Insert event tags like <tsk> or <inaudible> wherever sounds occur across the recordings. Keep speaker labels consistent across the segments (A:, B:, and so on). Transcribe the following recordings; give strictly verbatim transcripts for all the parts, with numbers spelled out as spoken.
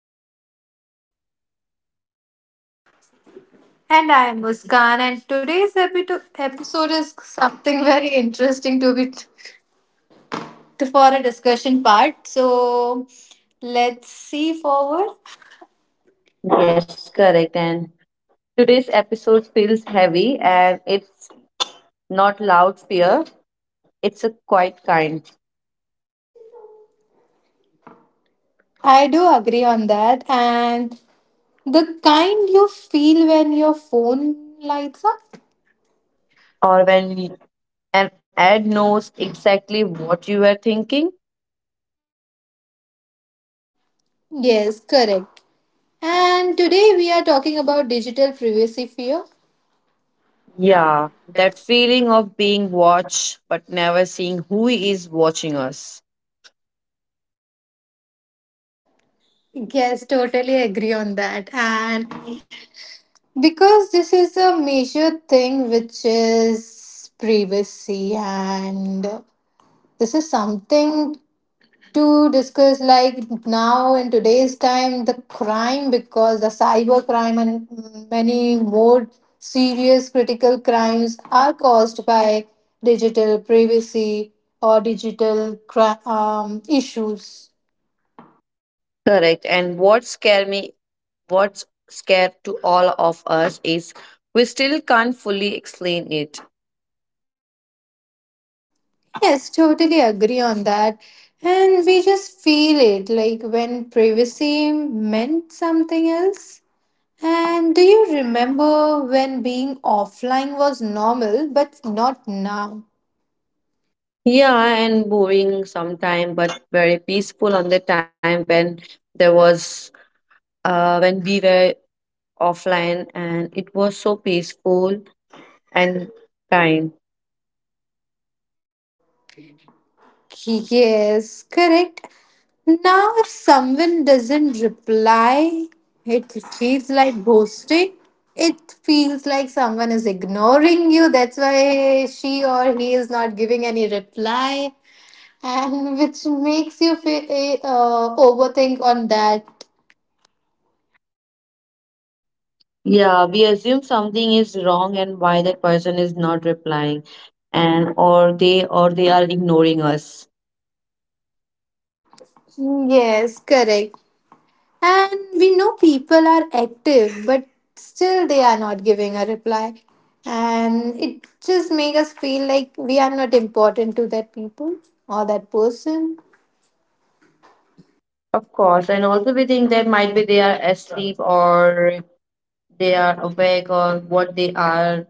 A: Podcast. I'm Deepika.
B: And I am Muskan, and today's epi- episode is something <laughs> very interesting to be to, for a discussion part. So let's see forward.
A: Yes, correct. And today's episode feels heavy and it's not loud fear, it's a quiet kind.
B: I do agree on that, and the kind you feel when your phone lights up.
A: Or when an ad knows exactly what you were thinking.
B: Yes, correct. And today we are talking about digital privacy fear.
A: Yeah, that feeling of being watched but never seeing who is watching us.
B: Yes, totally agree on that. And because this is a major thing, which is privacy, and this is something to discuss. Like now in today's time, the crime, because the cyber crime and many more serious critical crimes are caused by digital privacy or digital cri- um, issues.
A: Correct. And what scare me, what's scared to all of us is we still can't fully explain it.
B: Yes, totally agree on that. And we just feel it like when privacy meant something else. And do you remember when being offline was normal but not now?
A: Yeah, and boring sometime, but very peaceful on the time when there was uh when we were offline and it was so peaceful and kind.
B: Yes, correct. Now, if someone doesn't reply, it feels like ghosting. It feels like someone is ignoring you. That's why she or he is not giving any reply. And <laughs> which makes you fe- uh, overthink on that.
A: Yeah, we assume something is wrong and why that person is not replying and or they or they are ignoring us.
B: Yes, correct. And we know people are active, but still they are not giving a reply, and it just makes us feel like we are not important to that people or that person.
A: Of course, and also we think that might be they are asleep or they are awake or what they are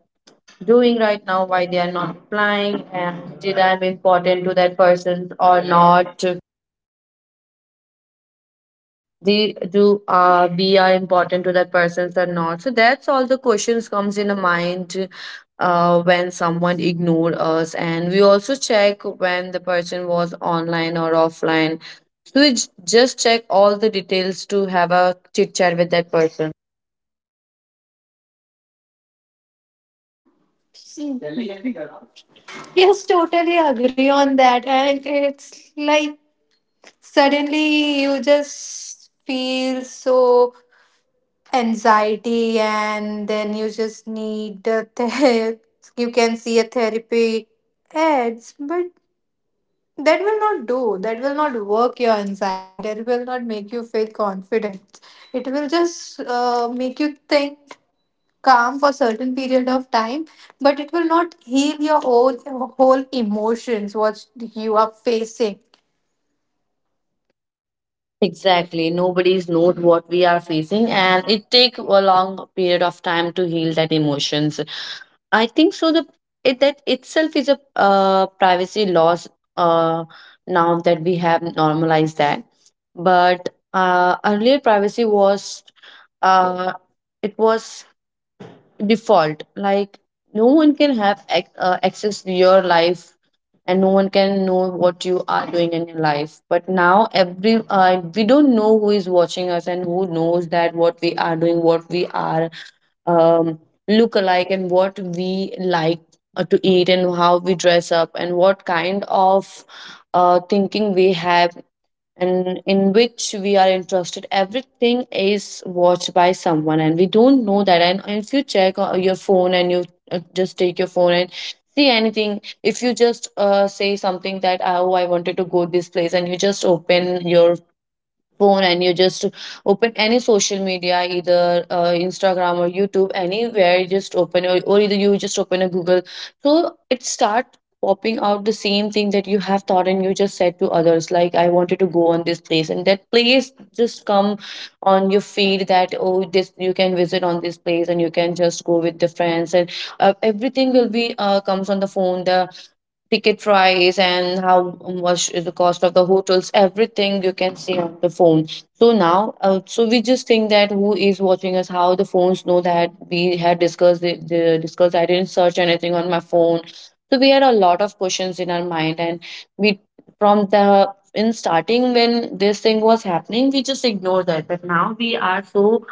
A: doing right now, why they are not replying? And did I'm important to that person or not? The do uh, We are important to that person or not? So that's all the questions comes in the mind uh, when someone ignored us, and we also check when the person was online or offline. So we j- just check all the details to have a chit chat with that person.
B: Yes, totally agree on that, and it's like suddenly you just feel so anxiety, and then you just need a ther- <laughs> you can see a therapy ads, but that will not do, that will not work your anxiety, that will not make you feel confident. It will just uh, make you think calm for certain period of time, but it will not heal your whole whole emotions what you are facing.
A: Exactly. Nobody's knows what we are facing, and it take a long period of time to heal that emotions. I think so. The It, that itself is a uh, privacy loss uh, now that we have normalized that. But uh, earlier, privacy was uh, it was default. Like no one can have ac- uh, access to your life, and no one can know what you are doing in your life. But now, every uh, we don't know who is watching us and who knows that what we are doing, what we are um, look alike and what we like uh, to eat and how we dress up and what kind of uh, thinking we have and in which we are interested, everything is watched by someone and we don't know that. And if you check uh, your phone and you uh, just take your phone and see anything, if you just uh, say something that oh, I wanted to go this place, and you just open your phone and you just open any social media, either uh, Instagram or YouTube, anywhere you just open, or, or either you just open a Google, so it start popping out the same thing that you have thought and you just said to others, like I wanted to go on this place, and that place just come on your feed, that oh, this you can visit on this place and you can just go with the friends. And uh, everything will be uh, comes on the phone, the ticket price and how much is the cost of the hotels, everything you can see on the phone. So now uh, so we just think that who is watching us, how the phones know that we had discussed, the, the discussed, I didn't search anything on my phone. So we had a lot of questions in our mind, and we from the in starting when this thing was happening we just ignored that, but now we are so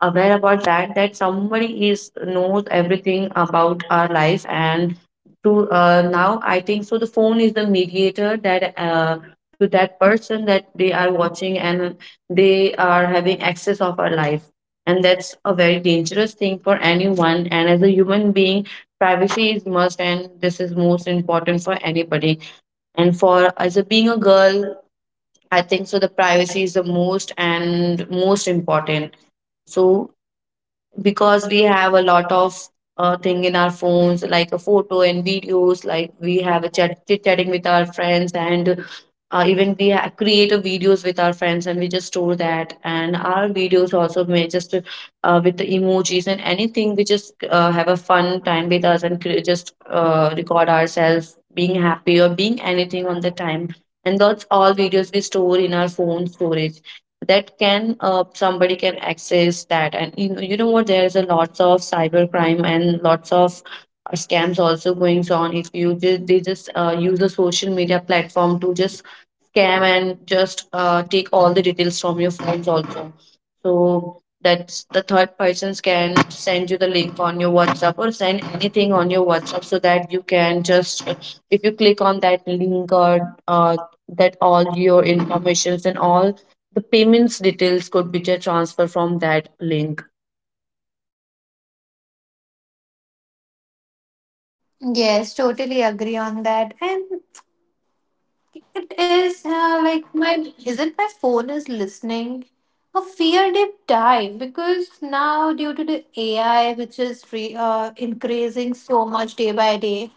A: aware about that, that somebody is knows everything about our life. And to uh, now I think so the phone is the mediator, that uh, to that person, that they are watching and they are having access of our life, and that's a very dangerous thing for anyone. And as a human being, privacy is must and this is most important for anybody, and for as a being a girl, I think so the privacy is the most and most important. So because we have a lot of uh, thing in our phones, like a photo and videos, like we have a chat chit chatting with our friends, and uh, even we ha- create a videos with our friends and we just store that, and our videos also may just uh, with the emojis and anything, we just uh, have a fun time with us and cre- just uh, record ourselves being happy or being anything on the time, and that's all videos we store in our phone storage. That can uh, somebody can access that. And you know, you know what, there's a lots of cyber crime and lots of uh, scams also going on. If you just, they just uh, use the social media platform to just scam and just uh, take all the details from your phones also. So that's the third persons can send you the link on your WhatsApp or send anything on your WhatsApp, so that you can just, if you click on that link or uh, that all your informations and all the payments details could be just transferred from that link.
B: Yes, totally agree on that. And it is uh, like my is it my phone is listening? A fear deep dive because now due to the A I which is re, uh, increasing so much day by day,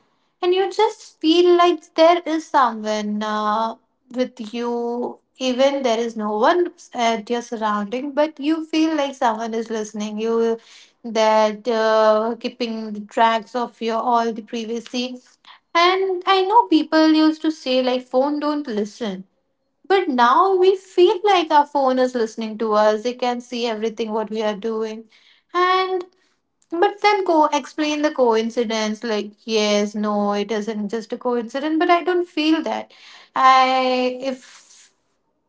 B: and you just feel like there is someone uh, with you. Even there is no one at your surrounding, but you feel like someone is listening. You that uh, keeping the tracks of your all the privacy. And I know people used to say like phone don't listen. But now we feel like our phone is listening to us. It can see everything what we are doing. And but then go explain the coincidence, like yes, no, it isn't just a coincidence, but I don't feel that. I if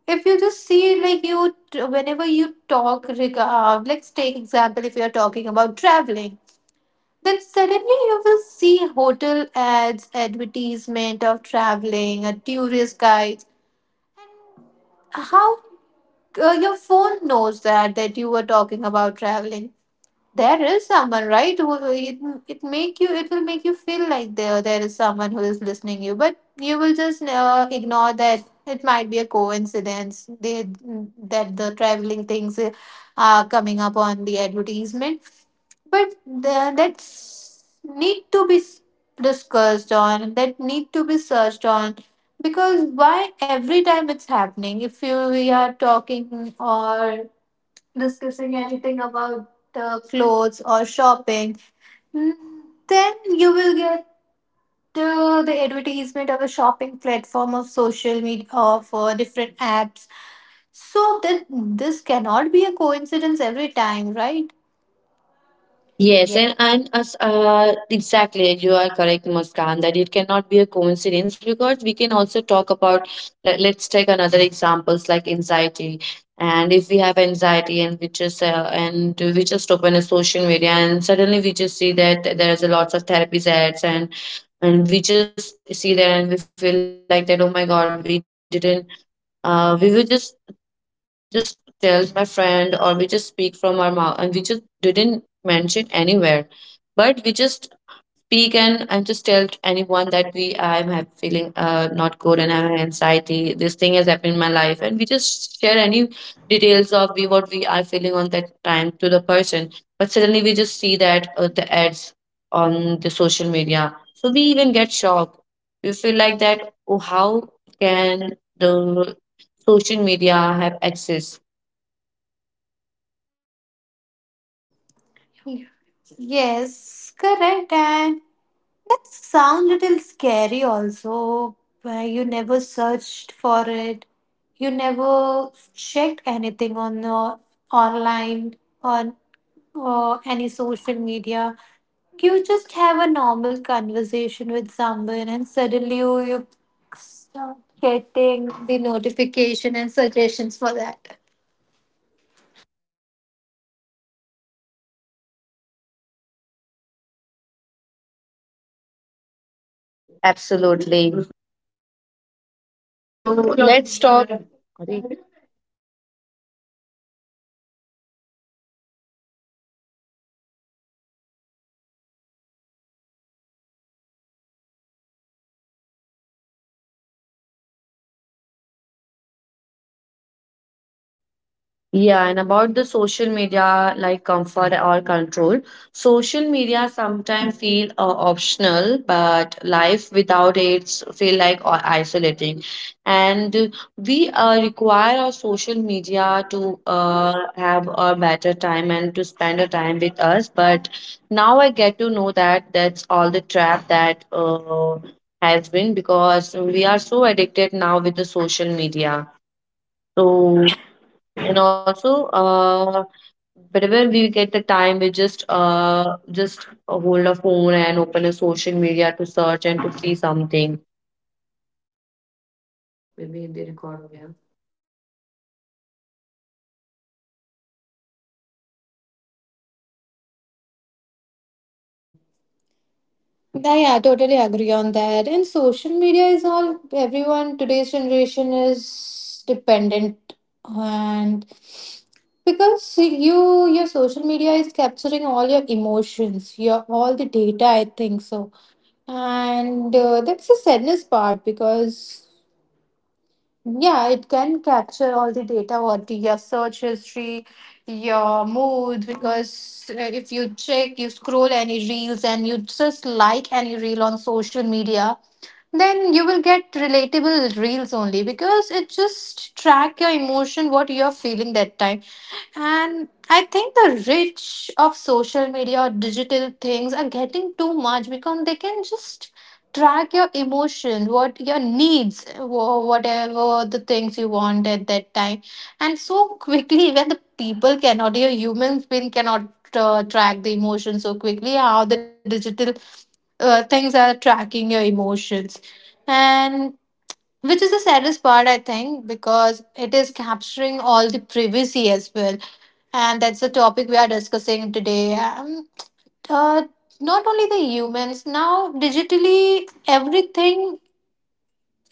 B: if you just see, like you, whenever you talk reg- uh, let's take example if you're talking about traveling, then suddenly you will see hotel ads, advertisement of traveling, a tourist guide. How uh, your phone knows that that you were talking about traveling. There is someone, right? Who who it, it make you it will make you feel like there there is someone who is listening you, but you will just uh, ignore that it might be a coincidence. They That the traveling things uh, are coming up on the advertisement, but the, that's need to be s- discussed on, that need to be searched on, because why every time it's happening if you we are talking or discussing anything about uh, clothes or shopping, mm, then you will get uh, the advertisement of a shopping platform of social media of uh, different apps. So then this cannot be a coincidence every time, right?
A: Yes, and, and as uh, exactly, you are correct, Muskan, that it cannot be a coincidence, because we can also talk about, let, let's take another examples, like anxiety. And if we have anxiety and we just uh, and we just open a social media and suddenly we just see that there is a lots of therapies ads. And and we just see that and we feel like that, oh my god, we didn't uh, we were just just tell my friend, or we just speak from our mouth and we just didn't mention anywhere, but we just speak and, and just tell to anyone that we, I'm have feeling uh, not good and I'm thing has happened in my life, and we just share any details of we what we are feeling on that time to the person. But suddenly we just see that uh, the ads on the social media, so we even get shocked. We feel like that. Oh, how can the social media have access?
B: Yes, correct. And that sound little scary also, where you never searched for it, you never checked anything on uh, online on uh, any social media. You just have a normal conversation with someone, and suddenly you, you start getting the notification and suggestions for that.
A: Absolutely. So let's talk. Yeah, and about the social media, like comfort or control, social media sometimes feel uh, optional, but life without it feel like o- isolating. And we uh, require our social media to uh, have a better time and to spend a time with us. But now I get to know that that's all the trap that uh, has been, because we are so addicted now with the social media. So and also uh whenever we get the time, we just uh just hold a phone and open a social media to search and to see something.
B: Yeah, yeah, totally agree on that. And social media is all everyone today's generation is dependent, and because you your social media is capturing all your emotions, your all the data I think so. And uh, that's the sadness part because yeah, it can capture all the data, what your search history, your mood, because uh, if you check, you scroll any reels and you just like any reel on social media, then you will get relatable reels only because it just track your emotion, what you're feeling that time. And I think the reach of social media or digital things are getting too much because they can just track your emotions, what your needs, wha- whatever the things you want at that time. And so <laughs> quickly, when the people cannot, your human being cannot uh, track the emotions so quickly, how the digital uh, things are tracking your emotions. And which is the saddest part, I think, because it is capturing all the privacy as well, and that's the topic we are discussing today. Um, uh, Not only the humans, now digitally everything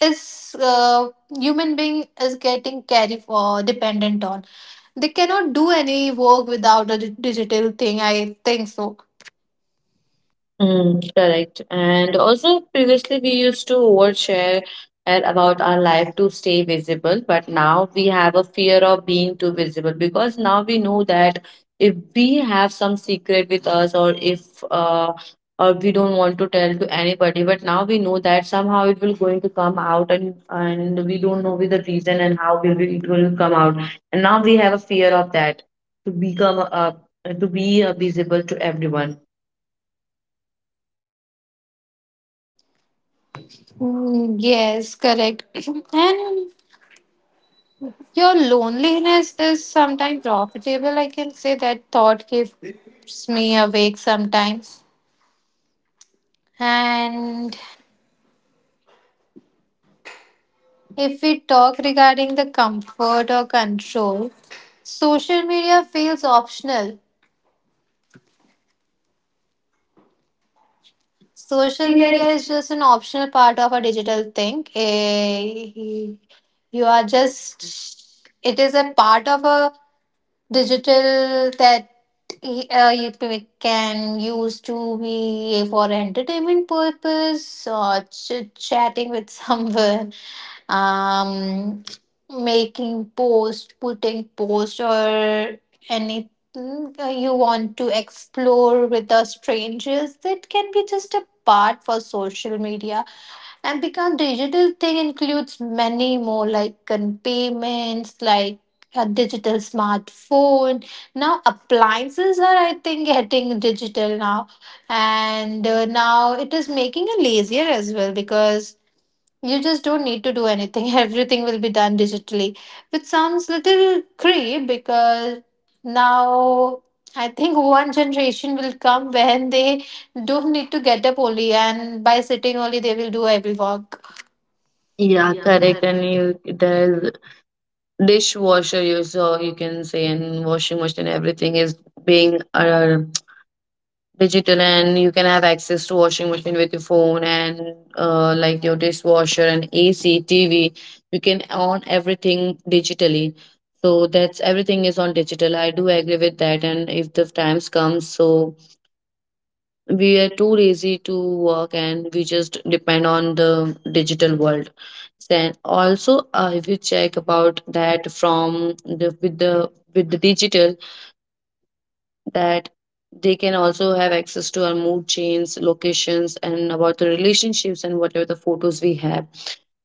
B: is uh, human being is getting carry for dependent on. They cannot do any work without a di- digital thing. I think so.
A: Mm, correct. And also, previously we used to overshare uh, about our life to stay visible, but now we have a fear of being too visible, because now we know that if we have some secret with us, or if uh, or we don't want to tell to anybody, but now we know that somehow it will going to come out, and and we don't know with the reason and how will we, it will come out. And now we have a fear of that to become uh, to be uh, visible to everyone.
B: Mm, yes, correct. <clears throat> And your loneliness is sometimes profitable. I can say that thought keeps me awake sometimes. And if we talk regarding the comfort or control, social media feels optional.
A: Social
B: Social
A: media.
B: media is just an optional part of a digital thing. Eh, You are just, it is a part of a digital that uh, you p- can use to be for entertainment purpose or ch- chatting with <laughs> someone, um making post, putting post, or anything uh, you want to explore with the strangers that can be just a part for social media. And because digital thing includes many more like um, payments, like a digital smartphone. Now appliances are I think <laughs> getting digital now, and uh, now it is making it lazier as well because you just don't need to do anything. <laughs> Everything will be done digitally, which sounds little creep because now I think one generation will come when they don't need to get up only and by sitting only they will do every work.
A: Yeah, correct. And you there's dishwasher, you so you can say, and washing machine, everything is being uh, <tsk> digital, and you can have access to washing machine with your phone and uh, like your dishwasher and A C, T V. You can on everything digitally. So that's everything is on digital. I do agree with that. And if the times comes, so we are too lazy to work and we just depend on the digital world, then also uh, if you check about that from the with the with the digital, that they can also have access to our mood chains, locations, and about the relationships and whatever the photos we have,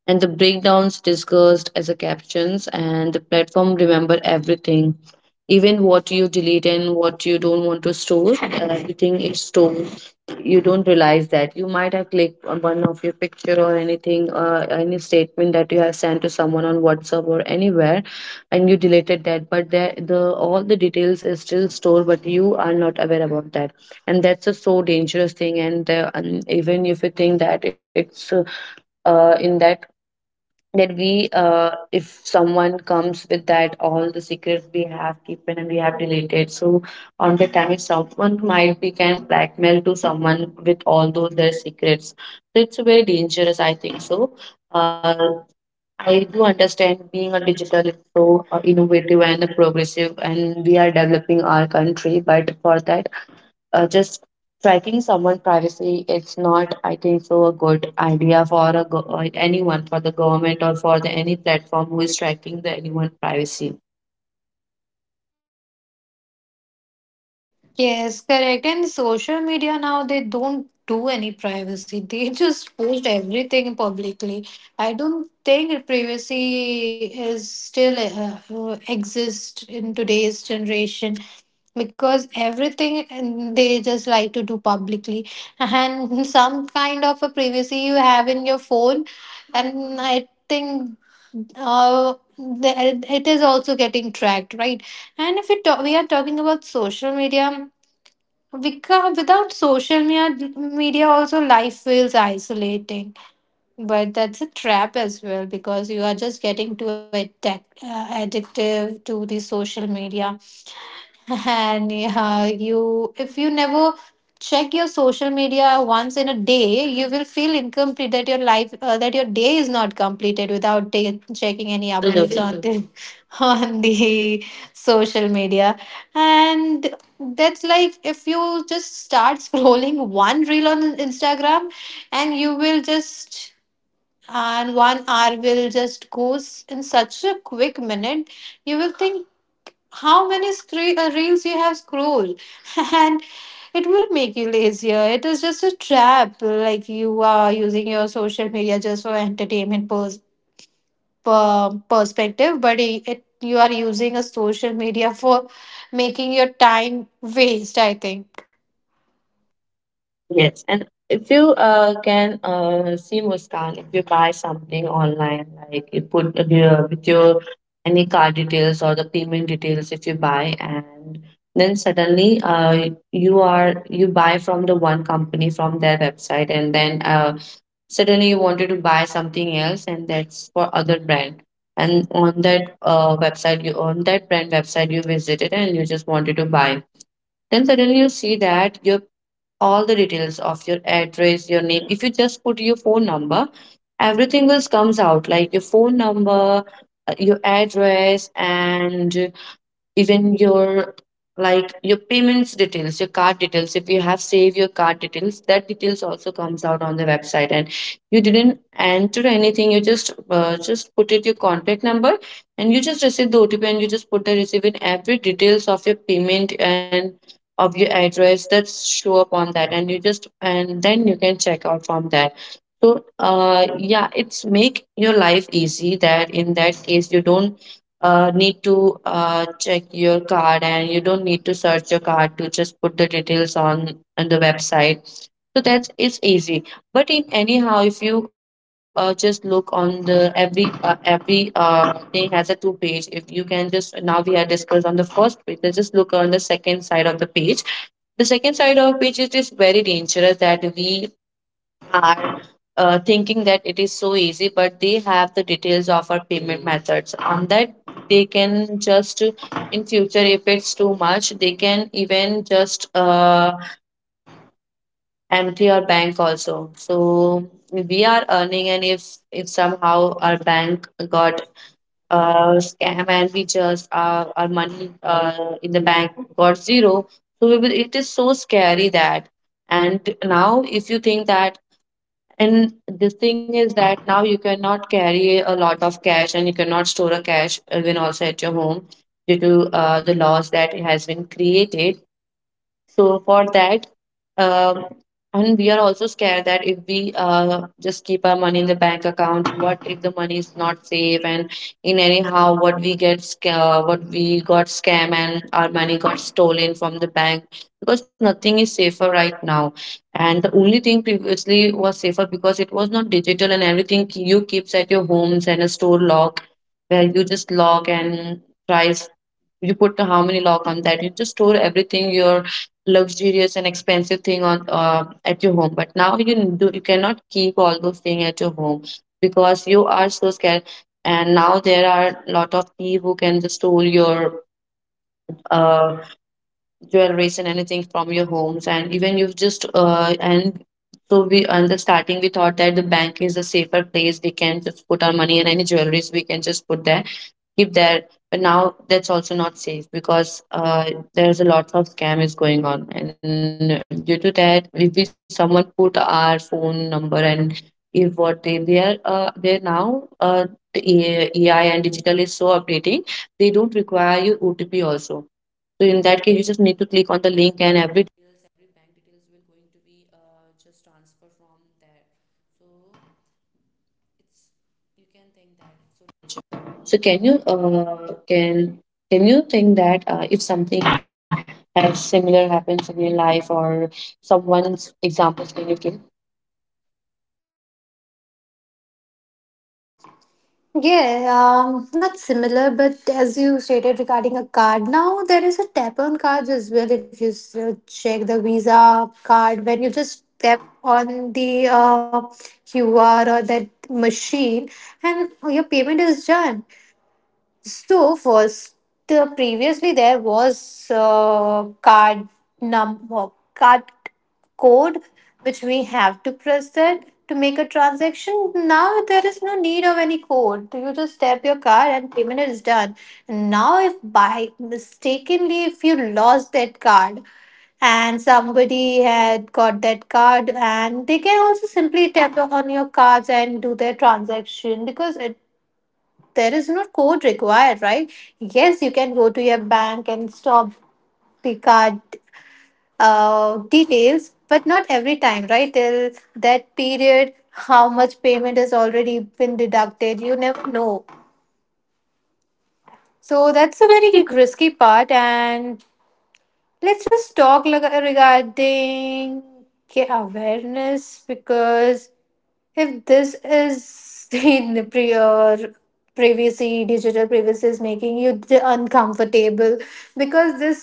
A: and the breakdowns discussed as a captions, and the platform remember everything, even what you delete and what you don't want to store. Uh, <laughs> everything is stored. You don't realize that you might have clicked on one of your picture or anything, uh, any statement that you have sent to someone on WhatsApp or anywhere, and you deleted that, but there the all the details is still stored, but you are not aware about that, and that's a so dangerous thing. And, uh, and even if you think that it's uh, uh, in that, that we uh, if someone comes with that secrets we have keeping and we have deleted, so on the time if someone might be can blackmail to someone with all those their secrets, so it's very dangerous I think so. uh, I do understand being a digital is so uh, innovative and progressive, and we are developing our country, but for that uh, just tracking someone's privacy, it's not I think so a good idea for a go- uh, anyone, for the government or for the any platform who is tracking the anyone's privacy.
B: Yes, correct. And social media now they don't do any privacy. They <laughs> just post everything publicly. I don't think privacy is still uh, uh, exist in today's generation because everything and they just like to do publicly, and <laughs> some kind of a privacy you have in your phone, and I think uh, the- it is also getting tracked, right? And if we, talk, we are talking about social media, because without social media media also life feels isolating, but that's a trap as well because you are just getting too attack, uh, addictive to the social media. <laughs> And yeah, you, if you never check your social media once in a day, you will feel incomplete that your life, uh, that your day is not completed without ta-
A: Yep.
B: checking any updates
A: Absolutely,
B: on the <laughs> on the social media. And that's like if you just start scrolling one reel on Instagram, and you will just and one hour will just goes in such a quick minute. You will think how many scre- uh, reels you have scrolled <laughs> and it will make you lazier. It is just a trap, like you are using your social media just for entertainment pers- per- perspective, but i- it, you are using a social media for making your time waste, I think.
A: yes. And if you uh, can uh, see, Muskan, if you buy something online, like you put uh, your- with your any card details or the payment details, if you buy and then suddenly uh, you are you buy from the one company from their website and then uh, suddenly you wanted to buy something else and that's for other brand, and on that uh, website you on that brand website you visited and you just wanted to buy, then suddenly you see that your all the details of your address, your name, if you just put your phone number, everything else comes out, like your phone number, uh, your address and even your, like your payments details, your card details, if you have saved your card details, that details also comes out on the website. And you didn't enter anything, you just uh, just put it your contact number and you just receive the OTP and you just put the receive in every details of your payment and of your address, that show up on that and you just and then you can check out from that. So uh, yeah, it's make your life easy, that in that case you don't uh, need to uh, check your card and you don't need to search your card to just put the details on, on the website. So that's it's easy. But in anyhow, if you uh, just look on the every uh, every uh, thing has a two page, if you can just, now we have discussed on the first page, let's just look on the second side of the page. The second side of page, it is very dangerous that we are uh, thinking that it is so easy, but they have the details of our payment methods. On that, they can just in future, if it's too much, they can even just uh, empty our bank also. So we are earning, and if if somehow our bank got uh, scam and we just uh, our money uh, in the bank got zero, so we will, it is so scary that. And now, if you think that, and the thing is that now you cannot carry a lot of cash and you cannot store a cash even also at your home due to uh, the laws that has been created. So for that, um, and we are also scared that if we uh, just keep our money in the bank account, what if the money is not safe, and in anyhow what we get sca- uh, what we got scam and our money got stolen from the bank, because nothing is safer right now. And the only thing previously was safer because it was not digital and everything k- you keeps at your homes and a store lock where you just lock and tries, you put how many lock on that, you just store everything your luxurious and expensive thing on uh, at your home, but now you do you cannot keep all those things at your home because you are so scared. And now there are a lot of people who can just steal your uh, jewelry and anything from your homes, and even you've just uh, and so we on the starting we thought that the bank is a safer place, we can just put our money and any jewelries we can just put there, keep there. But now that's also not safe, because uh, there's a lot of scam is going on, and due to that, if we someone put our phone number, and if what they they are uh, they now uh, the A- AI and digital is so updating, they don't require your O T P also. So in that case, you just need to click on the link and do you think that uh, if something has similar happens in your life, or someone's examples can you give?
B: Yeah, um, not similar, but as you stated regarding a card, now there is a tap on cards as well. If you s- uh, check the Visa card, when you just tap on the uh, Q R or that machine, and your payment is done. So first, uh, previously there was uh, card number, card code, which we have to press that to make a transaction. Now there is no need of any code. You just tap your card and payment is done. Now, if by mistakenly if you lost that card, and somebody had got that card, and they can also simply tap on your cards and do their transaction because it there is no code required, right? Yes, you can go to your bank and stop the card uh, details, but not every time, right? Till that period, how much payment has already been deducted, you never know.
A: Oh,
B: So
A: that's
B: that's
A: a
B: a
A: very
B: very risky part. And let's just talk, like, regarding, okay, awareness, because if this is <laughs> the pre- uh, privacy, digital privacy is making you d- uncomfortable because this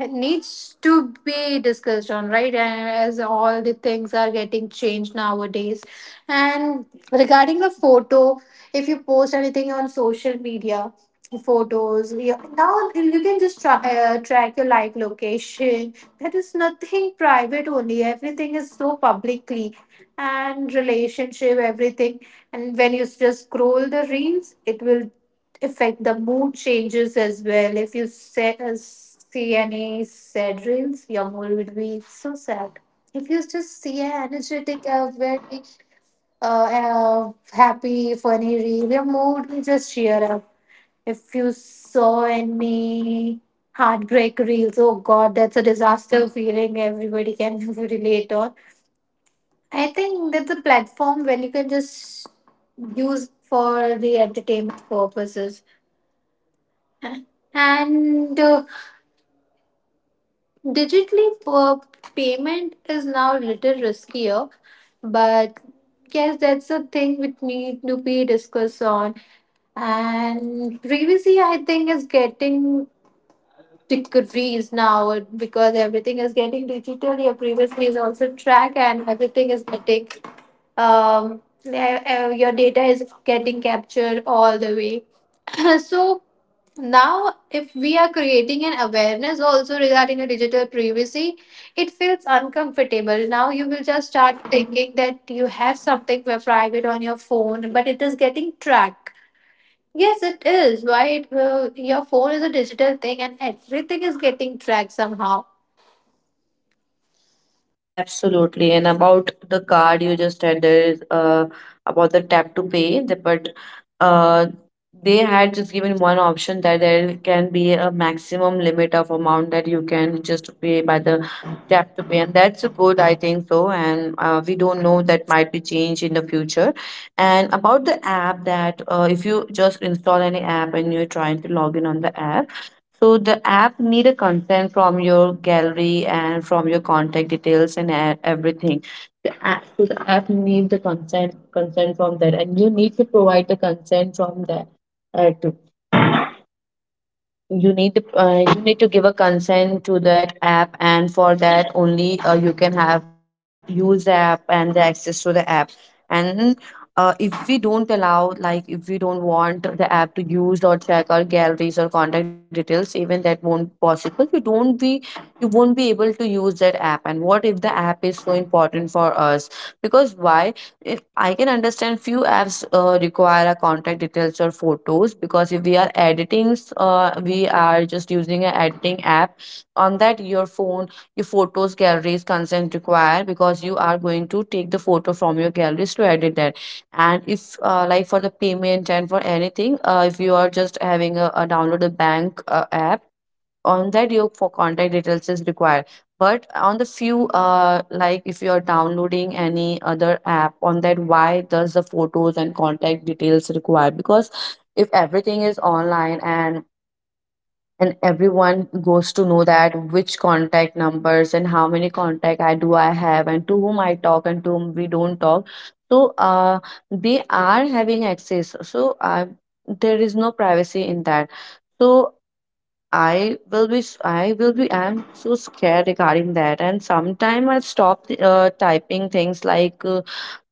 B: needs to be discussed on, right? And as all the things are getting changed nowadays. And regarding the photo, if you post anything on social media, photos you- now you can just tra- uh, track your live location. There is nothing private only, everything is so publicly, and relationship everything. And when you just scroll the reels, it will affect the mood changes as well. If you se- uh, see any sad reels, your mood will be so sad. If you just see an energetic uh, very uh, uh, happy funny reel, your mood will just cheer up. If you saw any heartbreak reels, oh god, that's a disaster feeling everybody can <laughs> relate on. I think that's a platform when you can just use for the entertainment purposes. And uh, digitally for payment is now a little riskier, but yes, that's a thing which need to be discussed on. And privacy, I think, is getting decreased now because everything is getting digital. Your privacy is also tracked, and everything is getting um, yeah, uh, your data is getting captured all the way. <clears throat> So now, if we are creating an awareness also regarding a digital privacy, it feels uncomfortable. Now you will just start thinking that you have something for private on your phone, but it is getting tracked. Yes, it is. Why it, uh, your phone is a digital thing and everything is getting tracked somehow.
A: absolutely. And about the card you just had, there is uh, about the tap to pay, the, but uh, they had just given one option that there can be a maximum limit of amount that you can just pay by the tap to pay. And that's a good, I think so. And uh, we don't know, that might be changed in the future. And about the app that uh, if you just install any app and you're trying to log in on the app, so the app need a consent from your gallery and from your contact details and e- everything. The app, so the app need the consent consent from that, and you need to provide the consent from that, you need to uh, you need to give a consent to that app, and for that only uh, you can have use the app and the access to the app. And uh, if we don't allow, like if we don't want the app to use or check our galleries or contact details, even that won't possible, you don't be, you won't be able to use that app. And what if the app is so important for us, because why, if I can understand, few apps uh, require our contact details or photos, because if we are editing, uh, we are just using an editing app. On that, your phone, your photos, galleries, consent required, because you are going to take the photo from your galleries to edit that. And if uh, like for the payment and for anything, uh, if you are just having a, a download a bank uh, app, on that your for contact details is required. But on the few uh, like if you are downloading any other app, on that why does the photos and contact details required, because if everything is online, and and everyone goes to know that which contact numbers and how many contact I do I have, and to whom I talk and to whom we don't talk, so uh, they are having access, so uh, there is no privacy in that. So I will be, s- I will be, I'm so scared regarding that. And sometime I stop uh, typing things like, uh,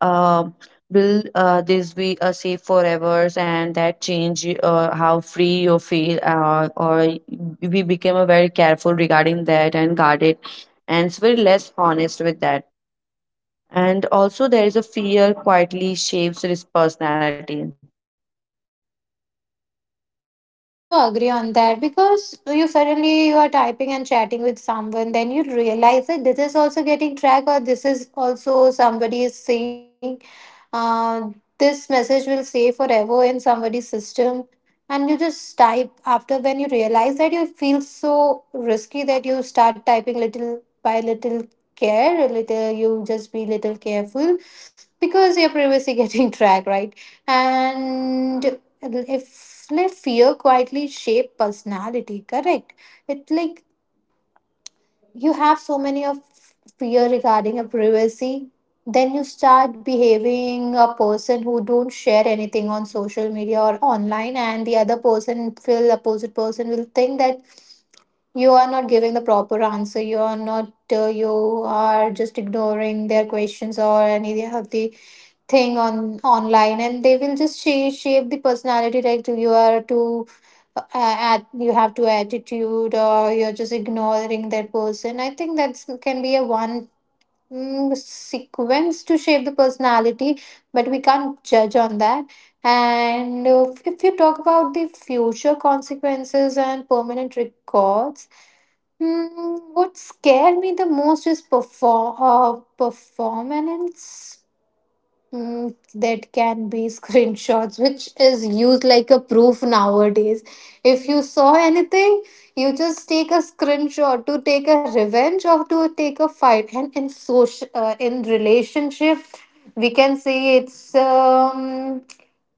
A: uh, will uh, this be uh, safe forever? And that change uh, how free you feel, uh, or we became a very careful regarding that and guarded, and it's very less honest with that. And also, there is a fear quietly shapes his personality.
B: Yes, do agree on that, because you suddenly you are typing and chatting with someone, then you realize that this is also getting tracked, or this is also somebody is saying, uh, this message will stay forever in somebody's system, and you just type after. When you realize that, you feel so risky that you start typing little by little care, a little you just be little careful, because your privacy <laughs> getting tracked, right? And if like fear quietly shape personality, correct. It's like you have so many of fear regarding a privacy, then you start behaving a person who don't share anything on social media or online, and the other person will opposite person will think that you are not giving the proper answer, you are not uh, you are just ignoring their questions or any of the thing on online. And they will just shape, shape the personality like you are too uh, at you have to attitude, or you're just ignoring that person. I think that can be a one mm, sequence to shape the personality, but we can't judge on that. And uh, if you talk about the future consequences and permanent records, hmm, what scared me the most is perform uh, performance. Mm, that can be <laughs> screenshots, which is used like a proof nowadays. If you saw anything, you just take a screenshot to take a revenge or to take a fight. And in social, uh, in relationship, we can say it's um,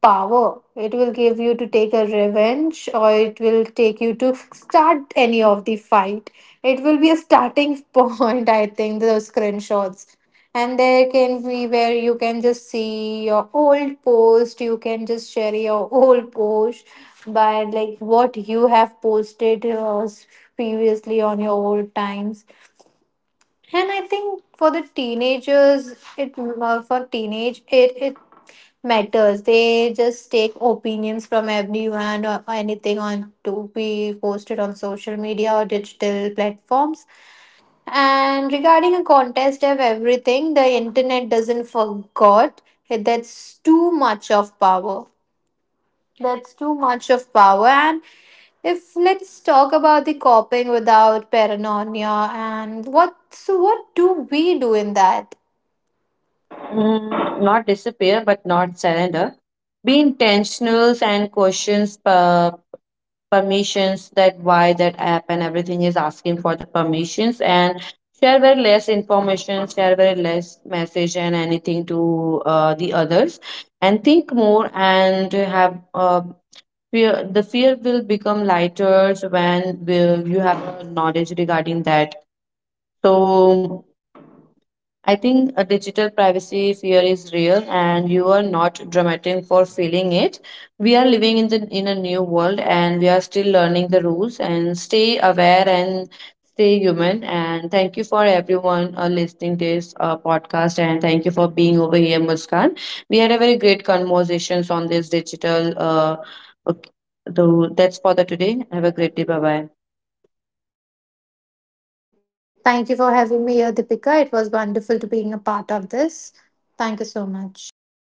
B: power. It will give you to take a revenge, or it will take you to start any of the fight. It will be a starting <laughs> point, I think. The screenshots, and there can be where you can just see your old post, you can just share your old post by like what you have posted uh, previously on your old times. And I think for the teenagers, it uh, for teenage it it matters. They just take opinions from everyone or anything on to be posted on social media or digital platforms. And regarding a contest of everything, the internet doesn't forgot. That's too much of power. That's too much of power. And if let's talk about the coping without paranoia, and what, so what do we do in that?
A: Mm, not disappear, but not surrender. Be intentional and questions per permissions, that why that app and everything is asking for the permissions. And share very less information, share very less message and anything to uh, the others, and think more and have uh, fear. The fear will become lighter when will you have a knowledge regarding that. So I think a digital privacy fear is real, and you are not dramatic for feeling it. We are living in the in a new world, and we are still learning the rules. And stay aware and stay human. And thank you for everyone uh, listening this uh, podcast, and thank you for being over here, Muskan. We had a very great conversations on this digital. Uh, okay, so that's for the today. Have a great day. Bye bye.
B: Thank you for having me here, Deepika. It was wonderful to being a part of this. Thank you so much.